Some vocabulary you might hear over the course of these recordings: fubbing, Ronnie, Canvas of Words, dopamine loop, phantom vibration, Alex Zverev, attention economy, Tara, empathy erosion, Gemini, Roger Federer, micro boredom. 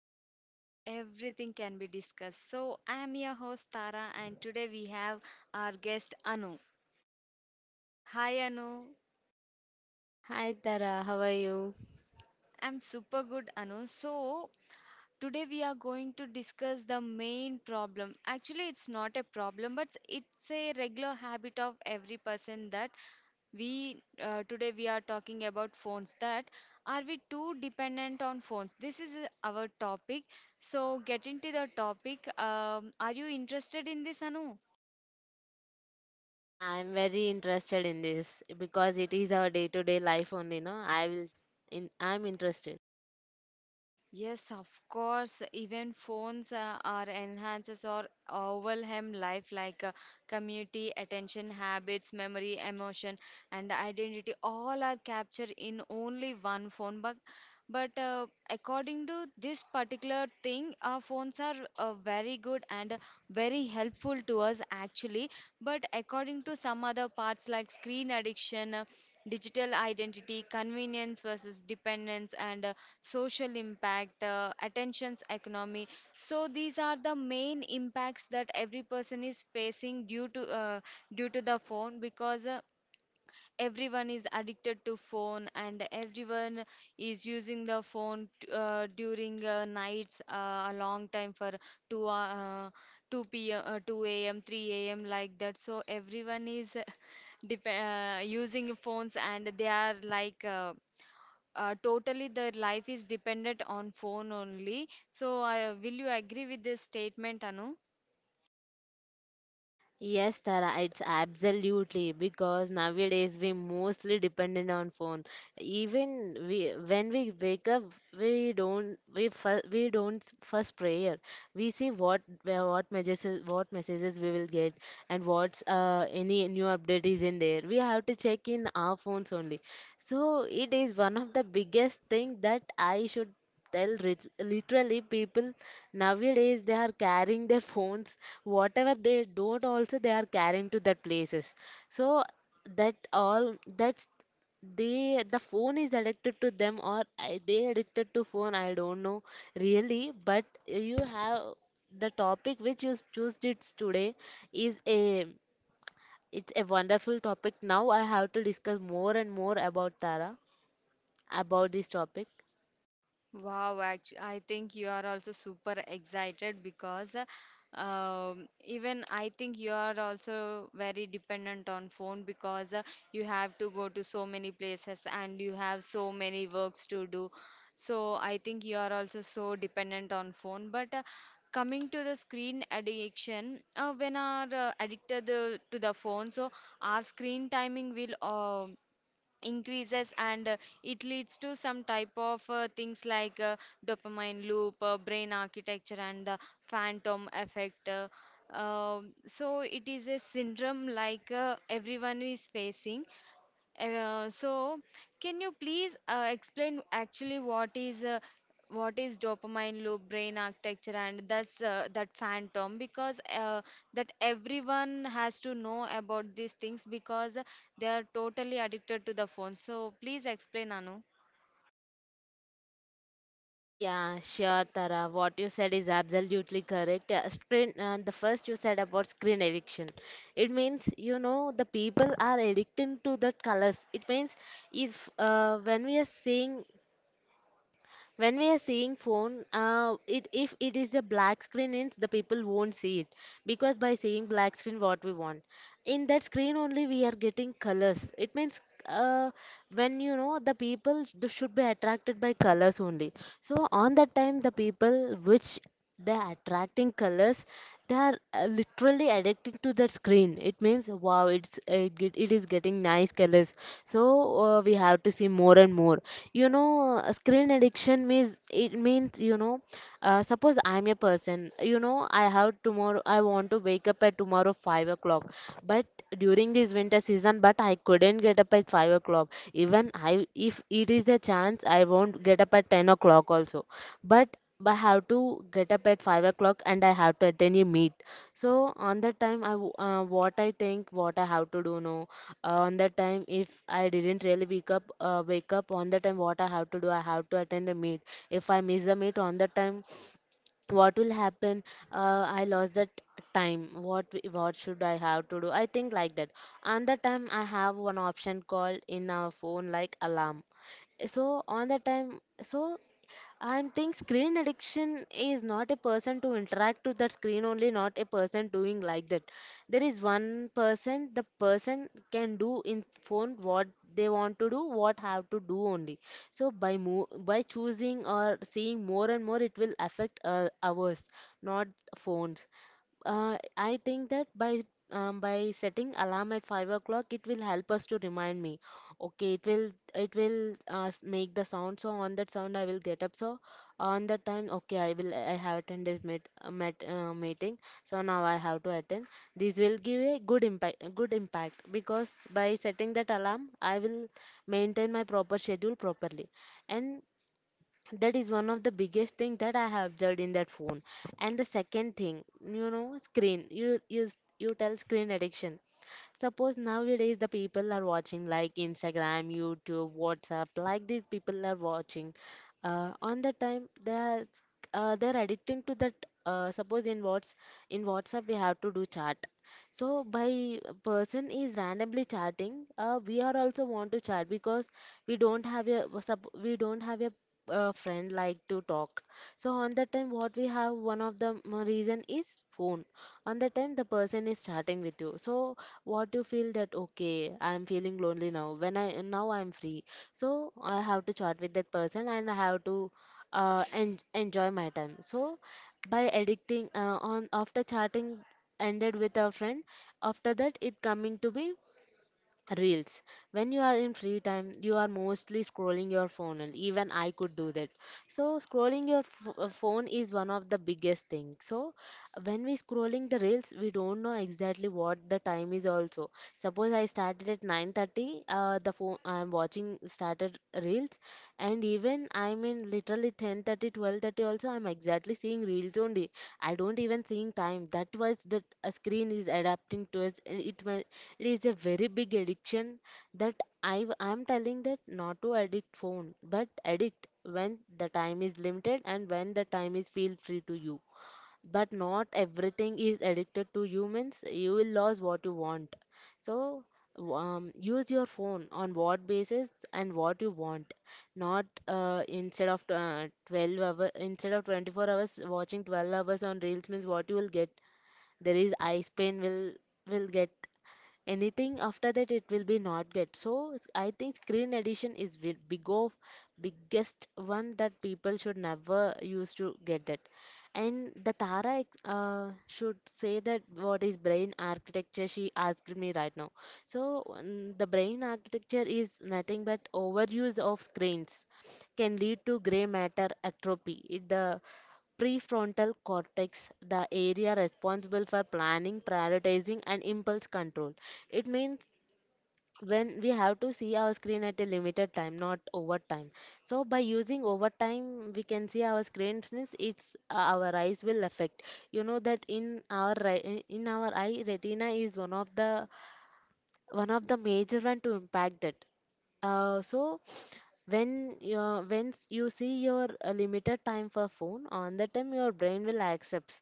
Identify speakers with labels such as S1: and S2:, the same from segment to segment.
S1: of Words, where everything can be discussed. So, I am your host, Tara, and today we have our guest, Anu. Hi, Anu.
S2: Hi Tara, how are you?
S1: I'm super good, Anu. So, today we are going to discuss the main problem. Actually, it's not a problem, but it's a regular habit of every person that we today we are talking about phones. That Are we too dependent on phones? This is our topic, so get into the topic. Are you interested in this, Anu?
S2: Yeah, I'm very interested in this because it is our day-to-day life only, no? I will in I'm interested.
S1: Yes, of course. Even phones are enhances or overwhelm life, like community, attention, habits, memory, emotion, and identity. All are captured in only one phone. But according to this particular thing, our phones are very good and very helpful to us, actually. But according to some other parts like screen addiction, digital identity, convenience versus dependence, and social impact, attention's economy. So these are the main impacts that every person is facing due to the phone, because everyone is addicted to phone, and everyone is using the phone during nights a long time for two 2 p.m. 2 a.m. 3 a.m., like that. So everyone is using phones, and they are like totally their life is dependent on phone only. So will you agree with this statement, Anu?
S2: Yes, Tara, it's absolutely because nowadays we mostly dependent on phone. Even we when we wake up, we don't first prayer. We see what messages we will get and what's any new update is in there. We have to check in our phones only. So it is one of the biggest thing that I should tell literally, people nowadays they are carrying their phones whatever they don't also, they are carrying to that places. So that all that's, they, the phone is addicted to them or they addicted to phone, I don't know really. But you have the topic which you choose it today is a, it's a wonderful topic. Now I have to discuss more and more about Tara, about this topic.
S1: Wow, actually, I think you are also super excited because even I think you are also very dependent on phone, because you have to go to so many places and you have so many works to do. So I think you are also so dependent on phone. But coming to the screen addiction, when are addicted to the phone, so our screen timing will increases, and it leads to some type of things like dopamine loop, brain architecture, and the phantom effect. So it is a syndrome like everyone is facing. So, can you please explain actually what is dopamine loop, brain architecture, and thus that phantom? Because that everyone has to know about these things, because they are totally addicted to the phone. So, please explain, Anu.
S2: Yeah, sure, Tara. What you said is absolutely correct. The first you said about screen addiction. It means, you know, the people are addicted to the colors. It means if when we are seeing, when we are seeing phone, it, if it is a black screen, means the people won't see it because by seeing black screen, what we want, in that screen only we are getting colors. It means uh, when you know the people should be attracted by colors only. So on that time, the people which they are attracting colors, they are literally addicted to the screen. It means wow, it's it, it is getting nice colors. So we have to see more and more. You know, screen addiction means, it means, you know. Suppose I'm a person. You know, I have tomorrow. I want to wake up at tomorrow 5 o'clock, but during this winter season, but I couldn't get up at 5 o'clock. Even I, if it is a chance, I won't get up at 10 o'clock also. But I have to get up at 5 o'clock and I have to attend a meet. So on that time, what I think, what I have to do now. On that time, if I didn't really wake up, on that time, what I have to do, I have to attend the meet. If I miss the meet on that time, what will happen? I lost that time. What should I have to do? I think like that. On that time, I have one option called in our phone like alarm. So on that time, so, and think screen addiction is not a person to interact to that screen only, not a person doing like that. There is one person, the person can do in phone what they want to do, what have to do only. So by by choosing or seeing more and more, it will affect ours, not phones. Uh, I think that by setting alarm at 5 o'clock, it will help us to remind me. Okay, it will make the sound. So on that sound, I will get up. So on that time, okay, I have attend this meeting. So now I have to attend. This will give a good impact because by setting that alarm, I will maintain my proper schedule properly. And that is one of the biggest thing that I have observed in that phone. And the second thing, you know, screen you tell screen addiction. Suppose nowadays the people are watching like Instagram, YouTube, WhatsApp. Like, these people are watching, on the time they are they're addicting to that. Uh, suppose in WhatsApp we have to do chat. So by, person is randomly chatting, we are also want to chat because we don't have a friend like to talk. So on that time, what we have, one of the reason is phone. On that time, the person is chatting with you. So what you feel that, okay, I am feeling lonely now. When i now I am free. So I have to chat with that person and I have to enjoy my time. So by addicting, on, after chatting ended with a friend, after that it coming to be Reels. When you are in free time, you are mostly scrolling your phone, and even I could do that. So, scrolling your phone is one of the biggest thing. So, when we scrolling the reels, we don't know exactly what the time is also. Suppose I started at 9:30, the phone I'm watching, started reels, and even I'm in literally 10:30, 12:30 also, I'm exactly seeing reels only. I don't even seeing time. That was that a screen is adapting to us, and it is a very big addiction. That I'm telling that not to addict phone, but addict when the time is limited and when the time is feel free to you. But not everything is addicted to humans. You will lose what you want. So use your phone on what basis and what you want, not instead of 12 hour, instead of 24 hours watching 12 hours on reels, means what you will get? There is eye pain will get anything. After that, it will be not good. So I think screen addiction is biggest one that people should never use to get that. And the Tara should say that what is brain architecture she asked me right now. So the brain architecture is nothing but overuse of screens can lead to gray matter atrophy. The prefrontal cortex, the area responsible for planning, prioritizing, and impulse control. It means when we have to see our screen at a limited time, not overtime. So by using overtime, we can see our screens means it's our eyes will affect. You know that in our in our eye, retina is one of the, one of the major one to impact that. Uh, so when you see your limited time for phone, on the time your brain will accepts.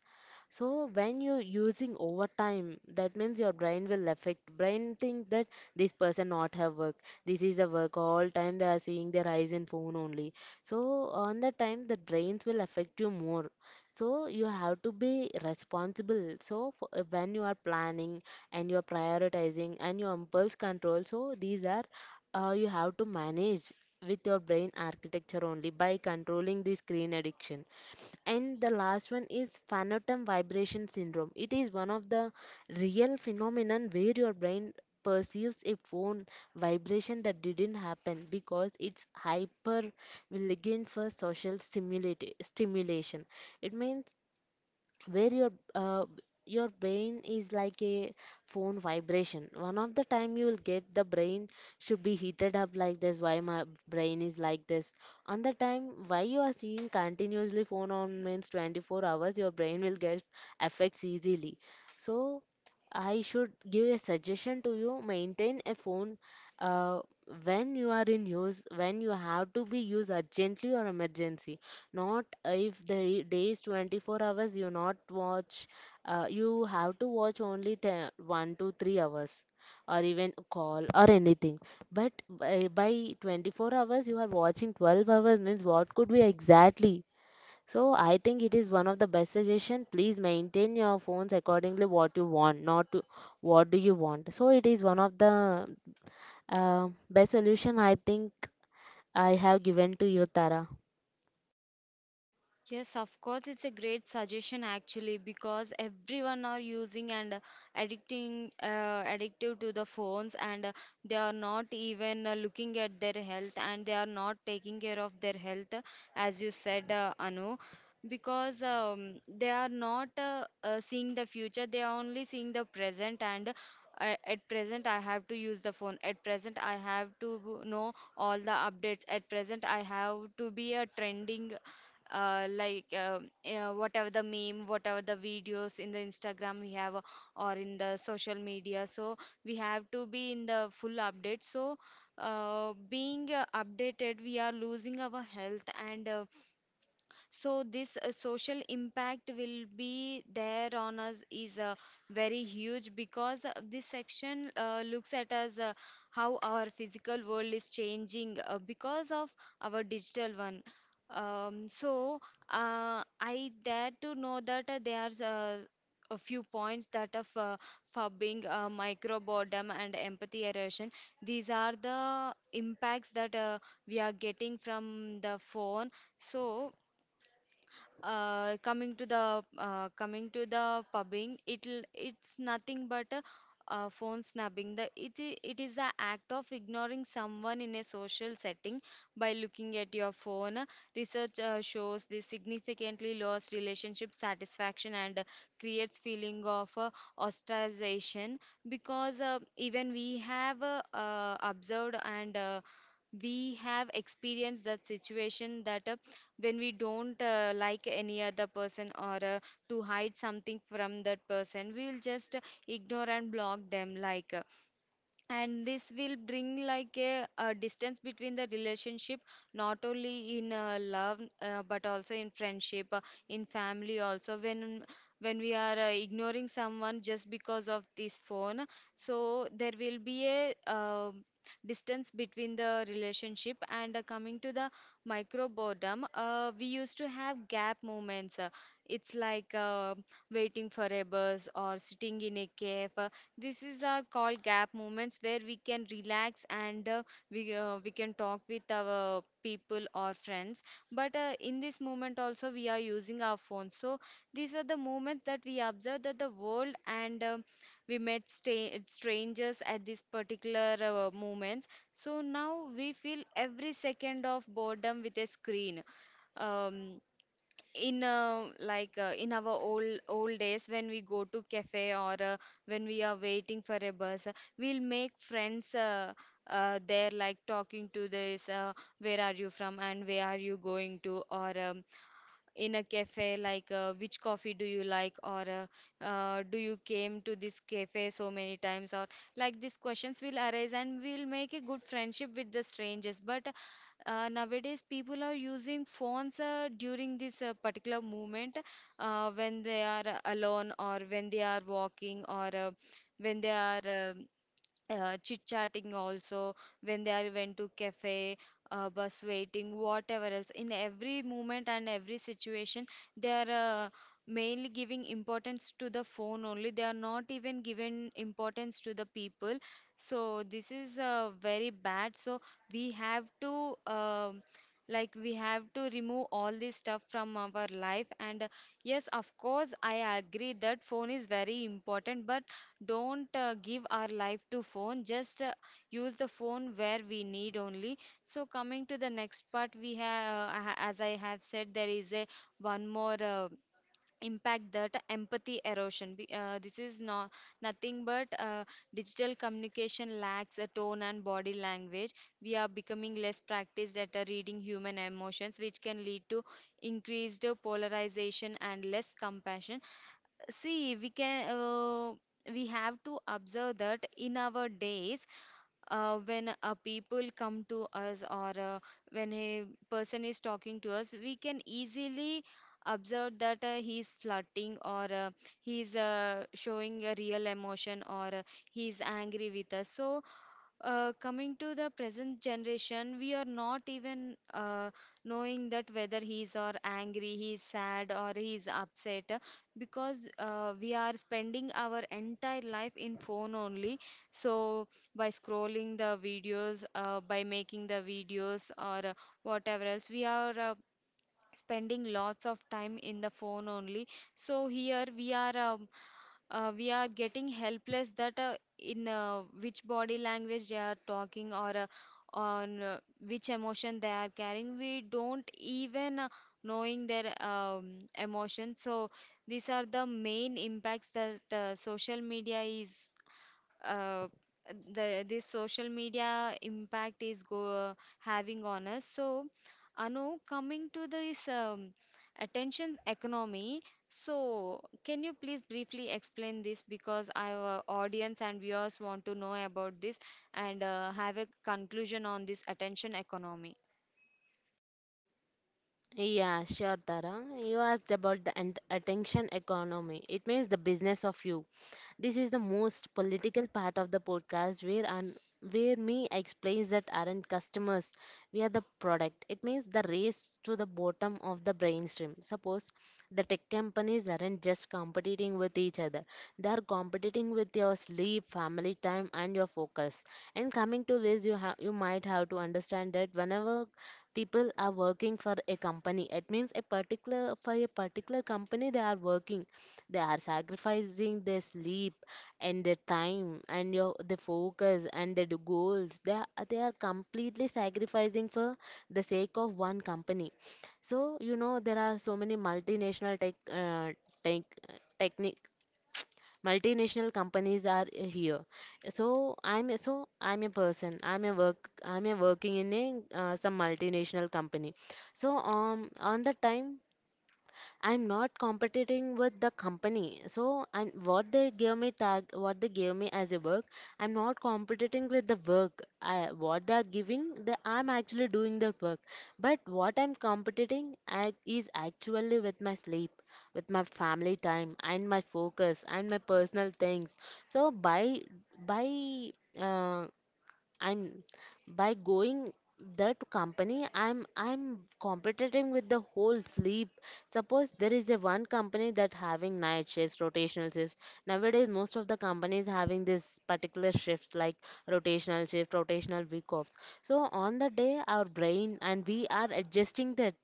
S2: So when you're using overtime, that means your brain will affect. Brain think that this person not have work. This is the work all time they are seeing their eyes in phone only. So on the time the brains will affect you more. So you have to be responsible. So for, when you are planning and you are prioritizing and your impulse control, so these are, you have to manage with your brain architecture only by controlling the screen addiction. And the last one is phantom vibration syndrome. It is one of the real phenomenon where your brain perceives a phone vibration that didn't happen because it's hyper vigilant for social stimulation. It means where your brain is like a phone vibration. One of the time you will get, the brain should be heated up like this. Why my brain is like this? On the time why you are seeing continuously phone on, means 24 hours your brain will get affects easily. So I should give a suggestion to you: maintain a phone uh, when you are in use, when you have to be used urgently or emergency. Not if the day is 24 hours, you not watch, you have to watch only 10, 1 to 3 hours or even a call or anything. But by 24 hours, you are watching 12 hours, means what could be exactly? So I think it is one of the best suggestion. Please maintain your phones accordingly what you want, not to, what do you want. So it is one of the best solution I think I have given to you, Tara.
S1: Yes, of course, it's a great suggestion actually, because everyone are using and addicting addictive to the phones, and they are not even looking at their health, and they are not taking care of their health, as you said, Anu, because they are not seeing the future, they are only seeing the present. And I, at present I have to use the phone, at present I have to know all the updates, at present I have to be a trending, uh, like uh, whatever the meme, whatever the videos in the Instagram we have, or in the social media. So we have to be in the full update. So being updated, we are losing our health. And so this social impact will be there on us is very huge, because this section looks at us, how our physical world is changing because of our digital one. So I dare to know that there are a few points that of fubbing, micro boredom, and empathy erosion. These are the impacts that we are getting from the phone. So coming to the pubbing, it's nothing but a, phone snubbing. It is the act of ignoring someone in a social setting by looking at your phone. Research shows this significantly lowers relationship satisfaction and creates feeling of ostracization, because even we have observed and we have experienced that situation. That a When we don't like any other person, or to hide something from that person, we will just ignore and block them, like, and this will bring like a distance between the relationship, not only in love but also in friendship, in family also. When we are ignoring someone just because of this phone, so there will be a distance between the relationship. And coming to the micro boredom, we used to have gap moments. It's like waiting for a bus or sitting in a cave. This is our called gap moments where we can relax, and we can talk with our people or friends. But in this moment also we are using our phones. So these are the moments that we observe that the world, and we met sta strangers at this particular moments. So now we feel every second of boredom with a screen. Um, in in our old old days, when we go to cafe, or when we are waiting for a bus, we'll make friends, there like talking to this, where are you from and where are you going to, or in a cafe like, which coffee do you like, or do you came to this cafe so many times, or like these questions will arise and we'll make a good friendship with the strangers. But nowadays people are using phones during this particular moment, when they are alone, or when they are walking, or when they are um chit chatting also, when they are went to cafe, bus waiting, whatever else, in every moment and every situation, they are uh, mainly giving importance to the phone only. They are not even given importance to the people. So this is very bad. So we have to like we have to remove all this stuff from our life. And yes, of course I agree that phone is very important, but don't give our life to phone. Just use the phone where we need only. So coming to the next part we have, as I have said, there is a one more impact, that empathy erosion. This is not nothing but digital communication lacks a tone and body language. We are becoming less practiced at reading human emotions, which can lead to increased polarization and less compassion. See, we can we have to observe that in our days, when a people come to us, or when a person is talking to us, we can easily observe that he is flirting, or he is showing a real emotion, or he is angry with us. So coming to the present generation, we are not even knowing that whether he is or angry, he is sad or he is upset, because we are spending our entire life in phone only. So by scrolling the videos, by making the videos, or whatever else, we are spending lots of time in the phone only. So here we are. We are getting helpless that in which body language they are talking, or on which emotion they are carrying, we don't even knowing their emotion. So these are the main impacts that social media is uh, the this social media impact is go having on us. So, Anu, coming to this attention economy, so can you please briefly explain this, because our audience and viewers want to know about this and have a conclusion on this attention economy.
S2: Yeah, sure, Tara. You asked about the attention economy. It means the business of you. This is the most political part of the podcast where and where me explains that aren't customers, we are the product. It means the race to the bottom of the brainstorm. Suppose the tech companies aren't just competing with each other, they are competing with your sleep, family time, and your focus. And coming to this, you might have to understand that whenever people are working for a company, it means a particular for a particular company they are sacrificing their sleep and their time and your the focus and their goals they are completely sacrificing for the sake of one company. So you know there are so many multinational tech tech technique multinational companies are here. So I'm a person, I'm a working in a some multinational company. So on the time I'm not competing with the company. So, and what they gave me tag, what they gave me as a work, I'm not competing with the work. What they are giving, I'm actually doing that work. But what I'm competing is actually with my sleep, with my family time, and my focus, and my personal things. So, by uh, I'm by going that company, I'm competing with the whole sleep. Suppose there is a one company that having night shifts, rotational shifts. Nowadays most of the companies having this particular shifts like rotational shift, rotational week offs. So on the day our brain and we are adjusting that,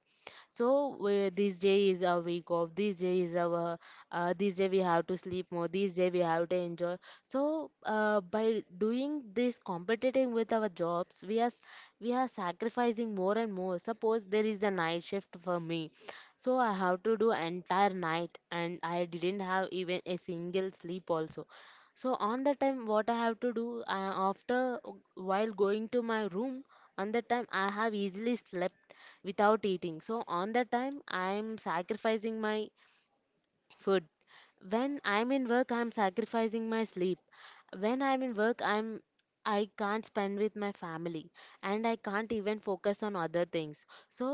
S2: so we, this day is our week off. This day is our this day we have to sleep more. This day we have to enjoy. So by doing this competiting with our jobs, we are sacrificing more and more. Suppose there is the night shift for me, so I have to do entire night, and I didn't have even a single sleep also. So on the time, what I have to do after while going to my room, on the time I have easily slept without eating. So on that time, I am sacrificing my food. When I am in work, I am sacrificing my sleep. When I'm in work, I can't spend with my family and I can't even focus on other things. So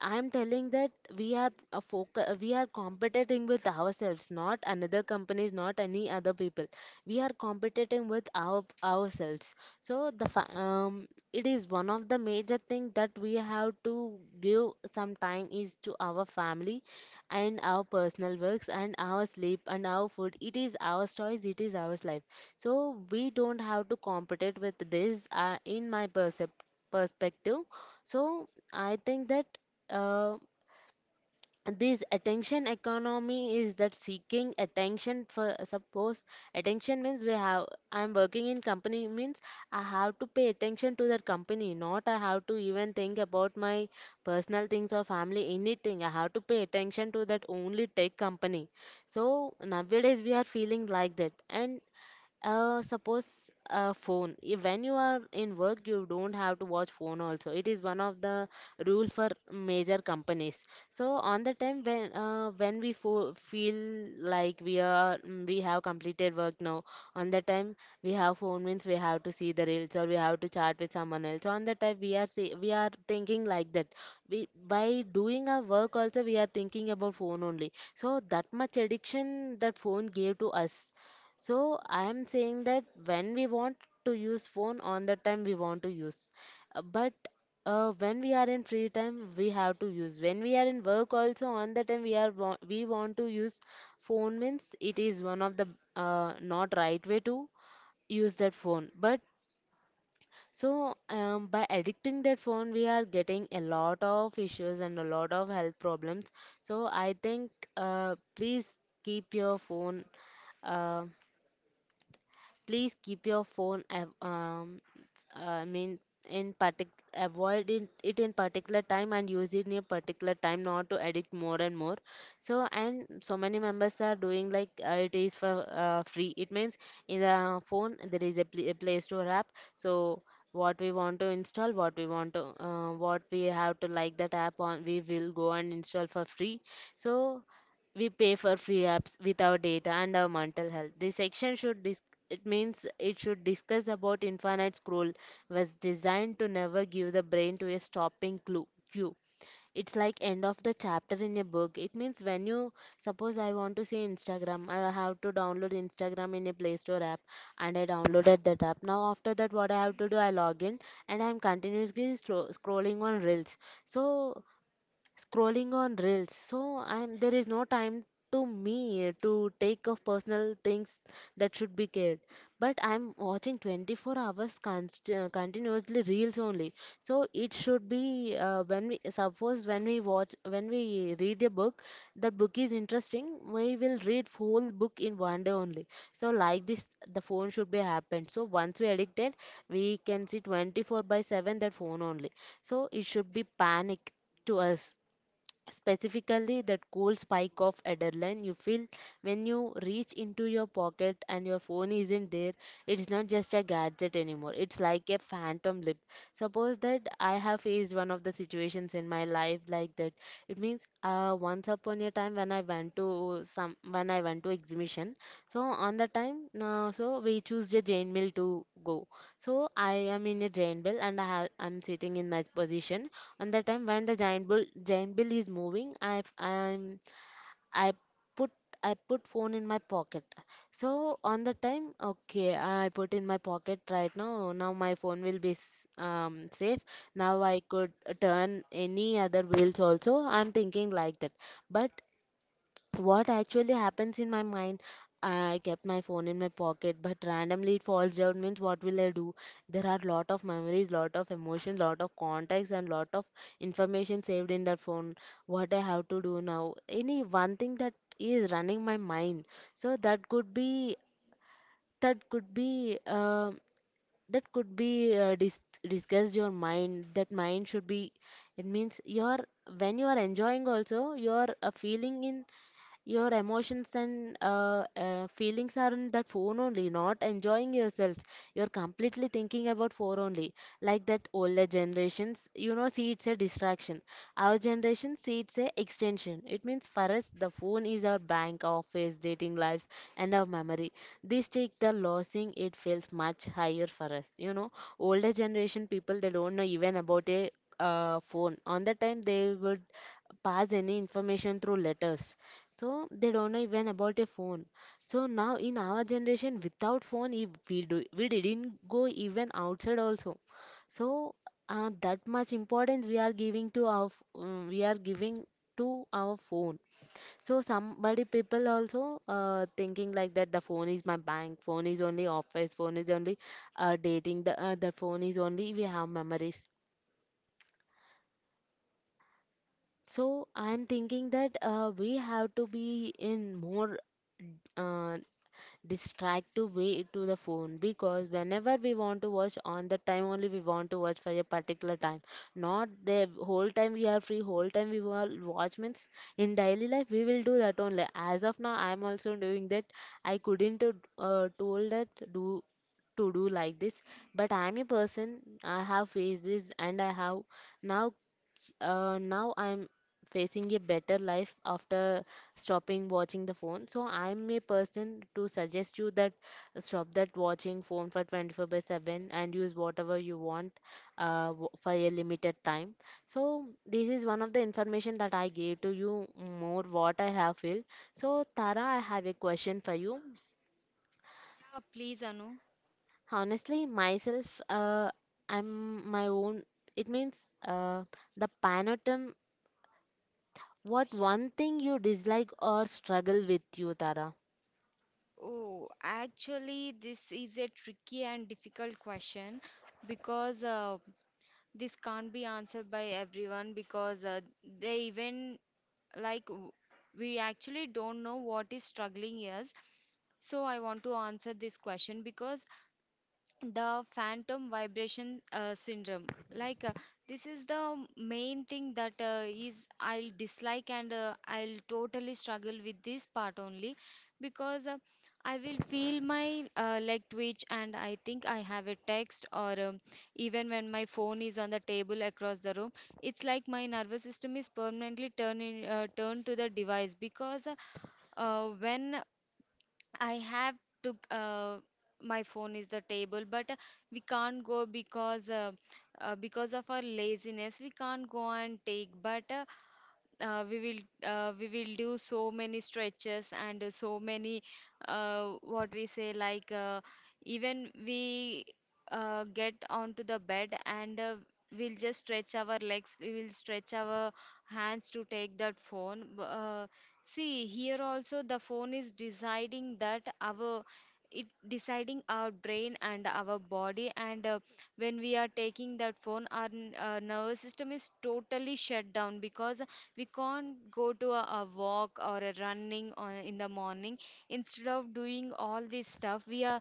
S2: I'm telling that we are competing with ourselves, not another companies, not any other people. We are competing with ourselves. So it is one of the major thing that we have to give some time is to our family and our personal works and our sleep and our food. It is our choice, it is our life. So we don't have to compete with this, in my percep perspective. So I think that uh, this attention economy is that seeking attention for suppose attention means we have I'm working in company means I have to pay attention to that company, not I have to even think about my personal things or family, anything. I have to pay attention to that only tech company. So nowadays we are feeling like that. And suppose a phone. If when you are in work, you don't have to watch phone also. It is one of the rules for major companies. So on the time when we fo feel like we are we have completed work now, on the time we have phone means we have to see the reels or we have to chat with someone else. On the time we are thinking like that. We By doing our work also we are thinking about phone only. So that much addiction that phone gave to us. So I am saying that when we want to use phone, on the time we want to use. But when we are in free time we have to use. When we are in work also on the time we want to use phone means it is one of the not right way to use that phone. But so by addicting that phone we are getting a lot of issues and a lot of health problems. So I think please keep your phone. Uh, Please keep your phone, av- I mean, in partic avoid it in particular time and use it in a particular time, not to addict more and more. So and so many members are doing like it is for free. It means in the phone there is a Play Store app. So what we want to install, what we want to, what we have to like that app on, we will go and install for free. So we pay for free apps with our data and our mental health. This section should dis It means it should discuss about infinite scroll was designed to never give the brain to a stopping clue cue. It's like end of the chapter in a book. It means when you suppose I want to see Instagram, I have to download Instagram in a Play Store app, and I downloaded that app. Now after that what I have to do, I log in and I'm continuously scrolling on reels. So scrolling on reels, so I'm there is no time to me to take of personal things that should be cared, but I'm watching 24 hours continuously reels only. So it should be when we suppose when we watch when we read a book, that book is interesting, we will read whole book in one day only. So like this the phone should be happened. So once we addicted, we can see 24 by 7 that phone only. So it should be panic to us. Specifically that cool spike of adrenaline you feel when you reach into your pocket and your phone isn't there, it's not just a gadget anymore, it's like a phantom lip. Suppose that I have faced one of the situations in my life like that. It means once upon a time when I went to exhibition. So on the time so we choose a jain mill to go. So I am in a jain mill and I'm sitting in that position. And the time when the giant bill is moving, i put I put phone in my pocket. So on the time, okay, I put in my pocket right now, now my phone will be safe, now I could turn any other wheels also, I'm thinking like that. But what actually happens in my mind? I kept my phone in my pocket, but randomly it falls down. Means what will I do? There are lot of memories, lot of emotions, lot of contacts, and lot of information saved in that phone. What I have to do now? Any one thing that is running my mind. So that could be that could be that could be dis- discussed your mind. That mind should be. It means you're when you are enjoying also you're feeling in your emotions and feelings are in that phone only, not enjoying yourselves. You're completely thinking about phone only. Like that older generations, you know, see it's a distraction. Our generation see it's a extension. It means for us, the phone is our bank, office, dating life, and our memory. This takes the losing, it feels much higher for us. You know, older generation people, they don't know even about a phone. On that time, they were pass any information through letters, so they don't know even about a phone. So now in our generation without phone if we do we didn't go even outside also. So that much importance we are giving to our we are giving to our phone. So somebody people also thinking like that, the phone is my bank, phone is only office, phone is only dating, the phone is only we have memories. So I'm thinking that we have to be in more uh, distractive way to the phone, because whenever we want to watch on the time only we want to watch for a particular time, not the whole time we are free, whole time we will watch means in daily life we will do that only. As of now, I'm also doing that. I couldn't told that do to do like this, but I'm a person, I have faced this and I have now now I'm facing a better life after stopping watching the phone. So I'm a person to suggest you that stop that watching phone for 24 by 7 and use whatever you want for a limited time. So this is one of the information that I gave to you more what I have feel. So Tara, I have a question for you.
S1: Yeah, please, Anu.
S2: Honestly, myself, I'm my own. It means uh, the panotum, what one thing you dislike or struggle with you, Tara?
S1: Oh, actually, this is a tricky and difficult question, because this can't be answered by everyone, because they even like w- we actually don't know what is struggling is. So I want to answer this question, because the phantom vibration syndrome, like uh, this is the main thing that is I'll dislike and I'll totally struggle with this part only, because I will feel my leg twitch and I think I have a text, or even when my phone is on the table across the room, it's like my nervous system is permanently turned to the device. Because when I have to. My phone is the table, but we can't go because of our laziness. We can't go and take. But we will do so many stretches, and so many what we say, like, even we get onto the bed, and we'll just stretch our legs, we will stretch our hands to take that phone. See, here also the phone is deciding that our, it deciding our brain and our body. And when we are taking that phone, our nervous system is totally shut down, because we can't go to a walk or a running on, in the morning. Instead of doing all this stuff, we are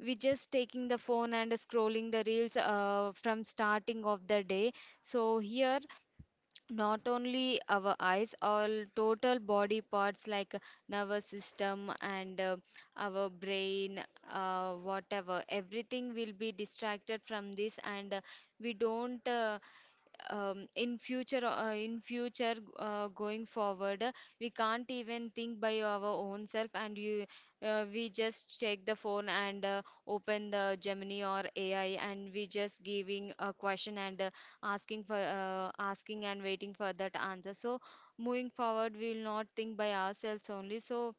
S1: we just taking the phone and scrolling the reels from starting of the day. So here, not only our eyes, all total body parts like nervous system, and our brain, whatever, everything will be distracted from this. And we don't in future, going forward, we can't even think by our own self. And you We just take the phone and open the Gemini or AI, and we just giving a question, and asking and waiting for that answer. So moving forward, we will not think by ourselves only. So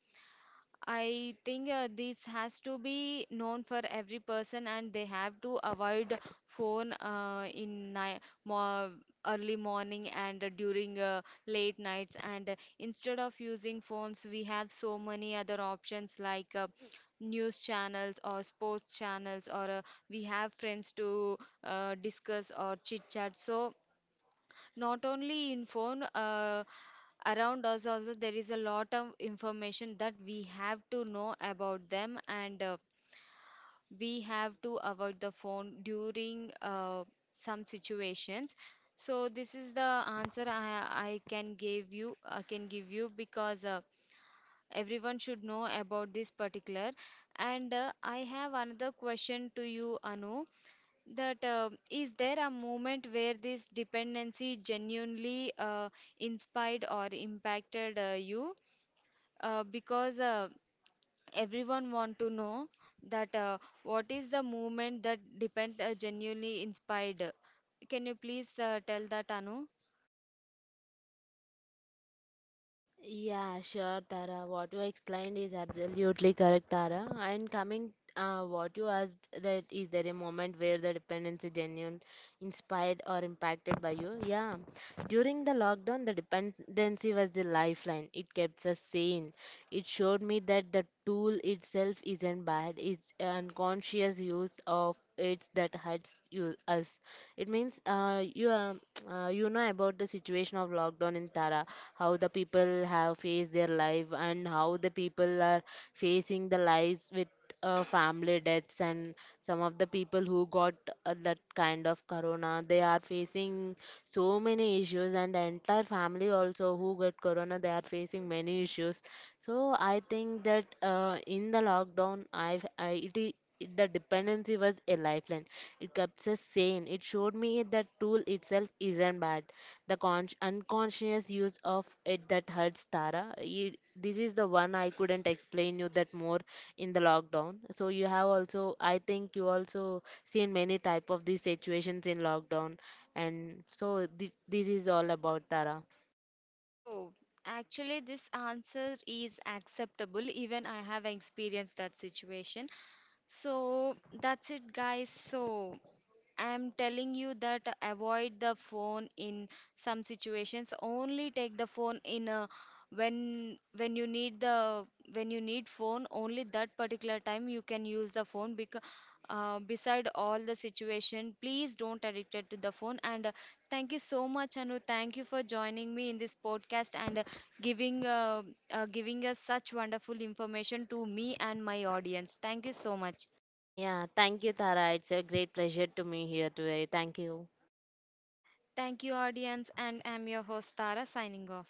S1: I think this has to be known for every person, and they have to avoid phone in ni mo early morning, and during late nights. And instead of using phones, we have so many other options, like news channels or sports channels, or we have friends to discuss or chit chat. So not only in phone, around us also there is a lot of information that we have to know about them. And we have to avoid the phone during some situations. So this is the answer I can give you, I can give you, because everyone should know about this particular. And I have another question to you, Anu, that is there a moment where this dependency genuinely inspired or impacted you, because everyone want to know that what is the movement that depend genuinely inspired. Can you please tell that, Anu?
S2: Yeah, sure, Tara. What you explained is absolutely correct, Tara. And coming, what you asked, that is there a moment where the dependency genuine inspired or impacted by you? Yeah. During the lockdown, the dependency was the lifeline. It kept us sane. It showed me that the tool itself isn't bad. It's unconscious use of it that hurts you us. It means you know about the situation of lockdown in Tara, how the people have faced their life and how the people are facing the lives with family deaths, and some of the people who got that kind of corona, they are facing so many issues, and the entire family also who got corona they are facing many issues. So I think that in the lockdown the dependency was a lifeline. It kept us sane. It showed me that tool itself isn't bad. The unconscious use of it that hurts Tara. You, this is the one I couldn't explain you that more in the lockdown. So you have also, I think you also seen many type of these situations in lockdown. And so this is all about Tara.
S1: Oh, actually, this answer is acceptable. Even I have experienced that situation. So that's it, guys. So I'm telling you that avoid the phone in some situations. Only take the phone in a when you need the when you need phone. Only that particular time you can use the phone, because beside all the situation, please don't addicted to the phone. And thank you so much, Anu. Thank you for joining me in this podcast, and giving uh, giving us such wonderful information to me and my audience. Thank you so much.
S2: Yeah, thank you, Tara. It's a great pleasure to me here today. Thank you.
S1: Thank you, audience, and I'm your host Tara signing off.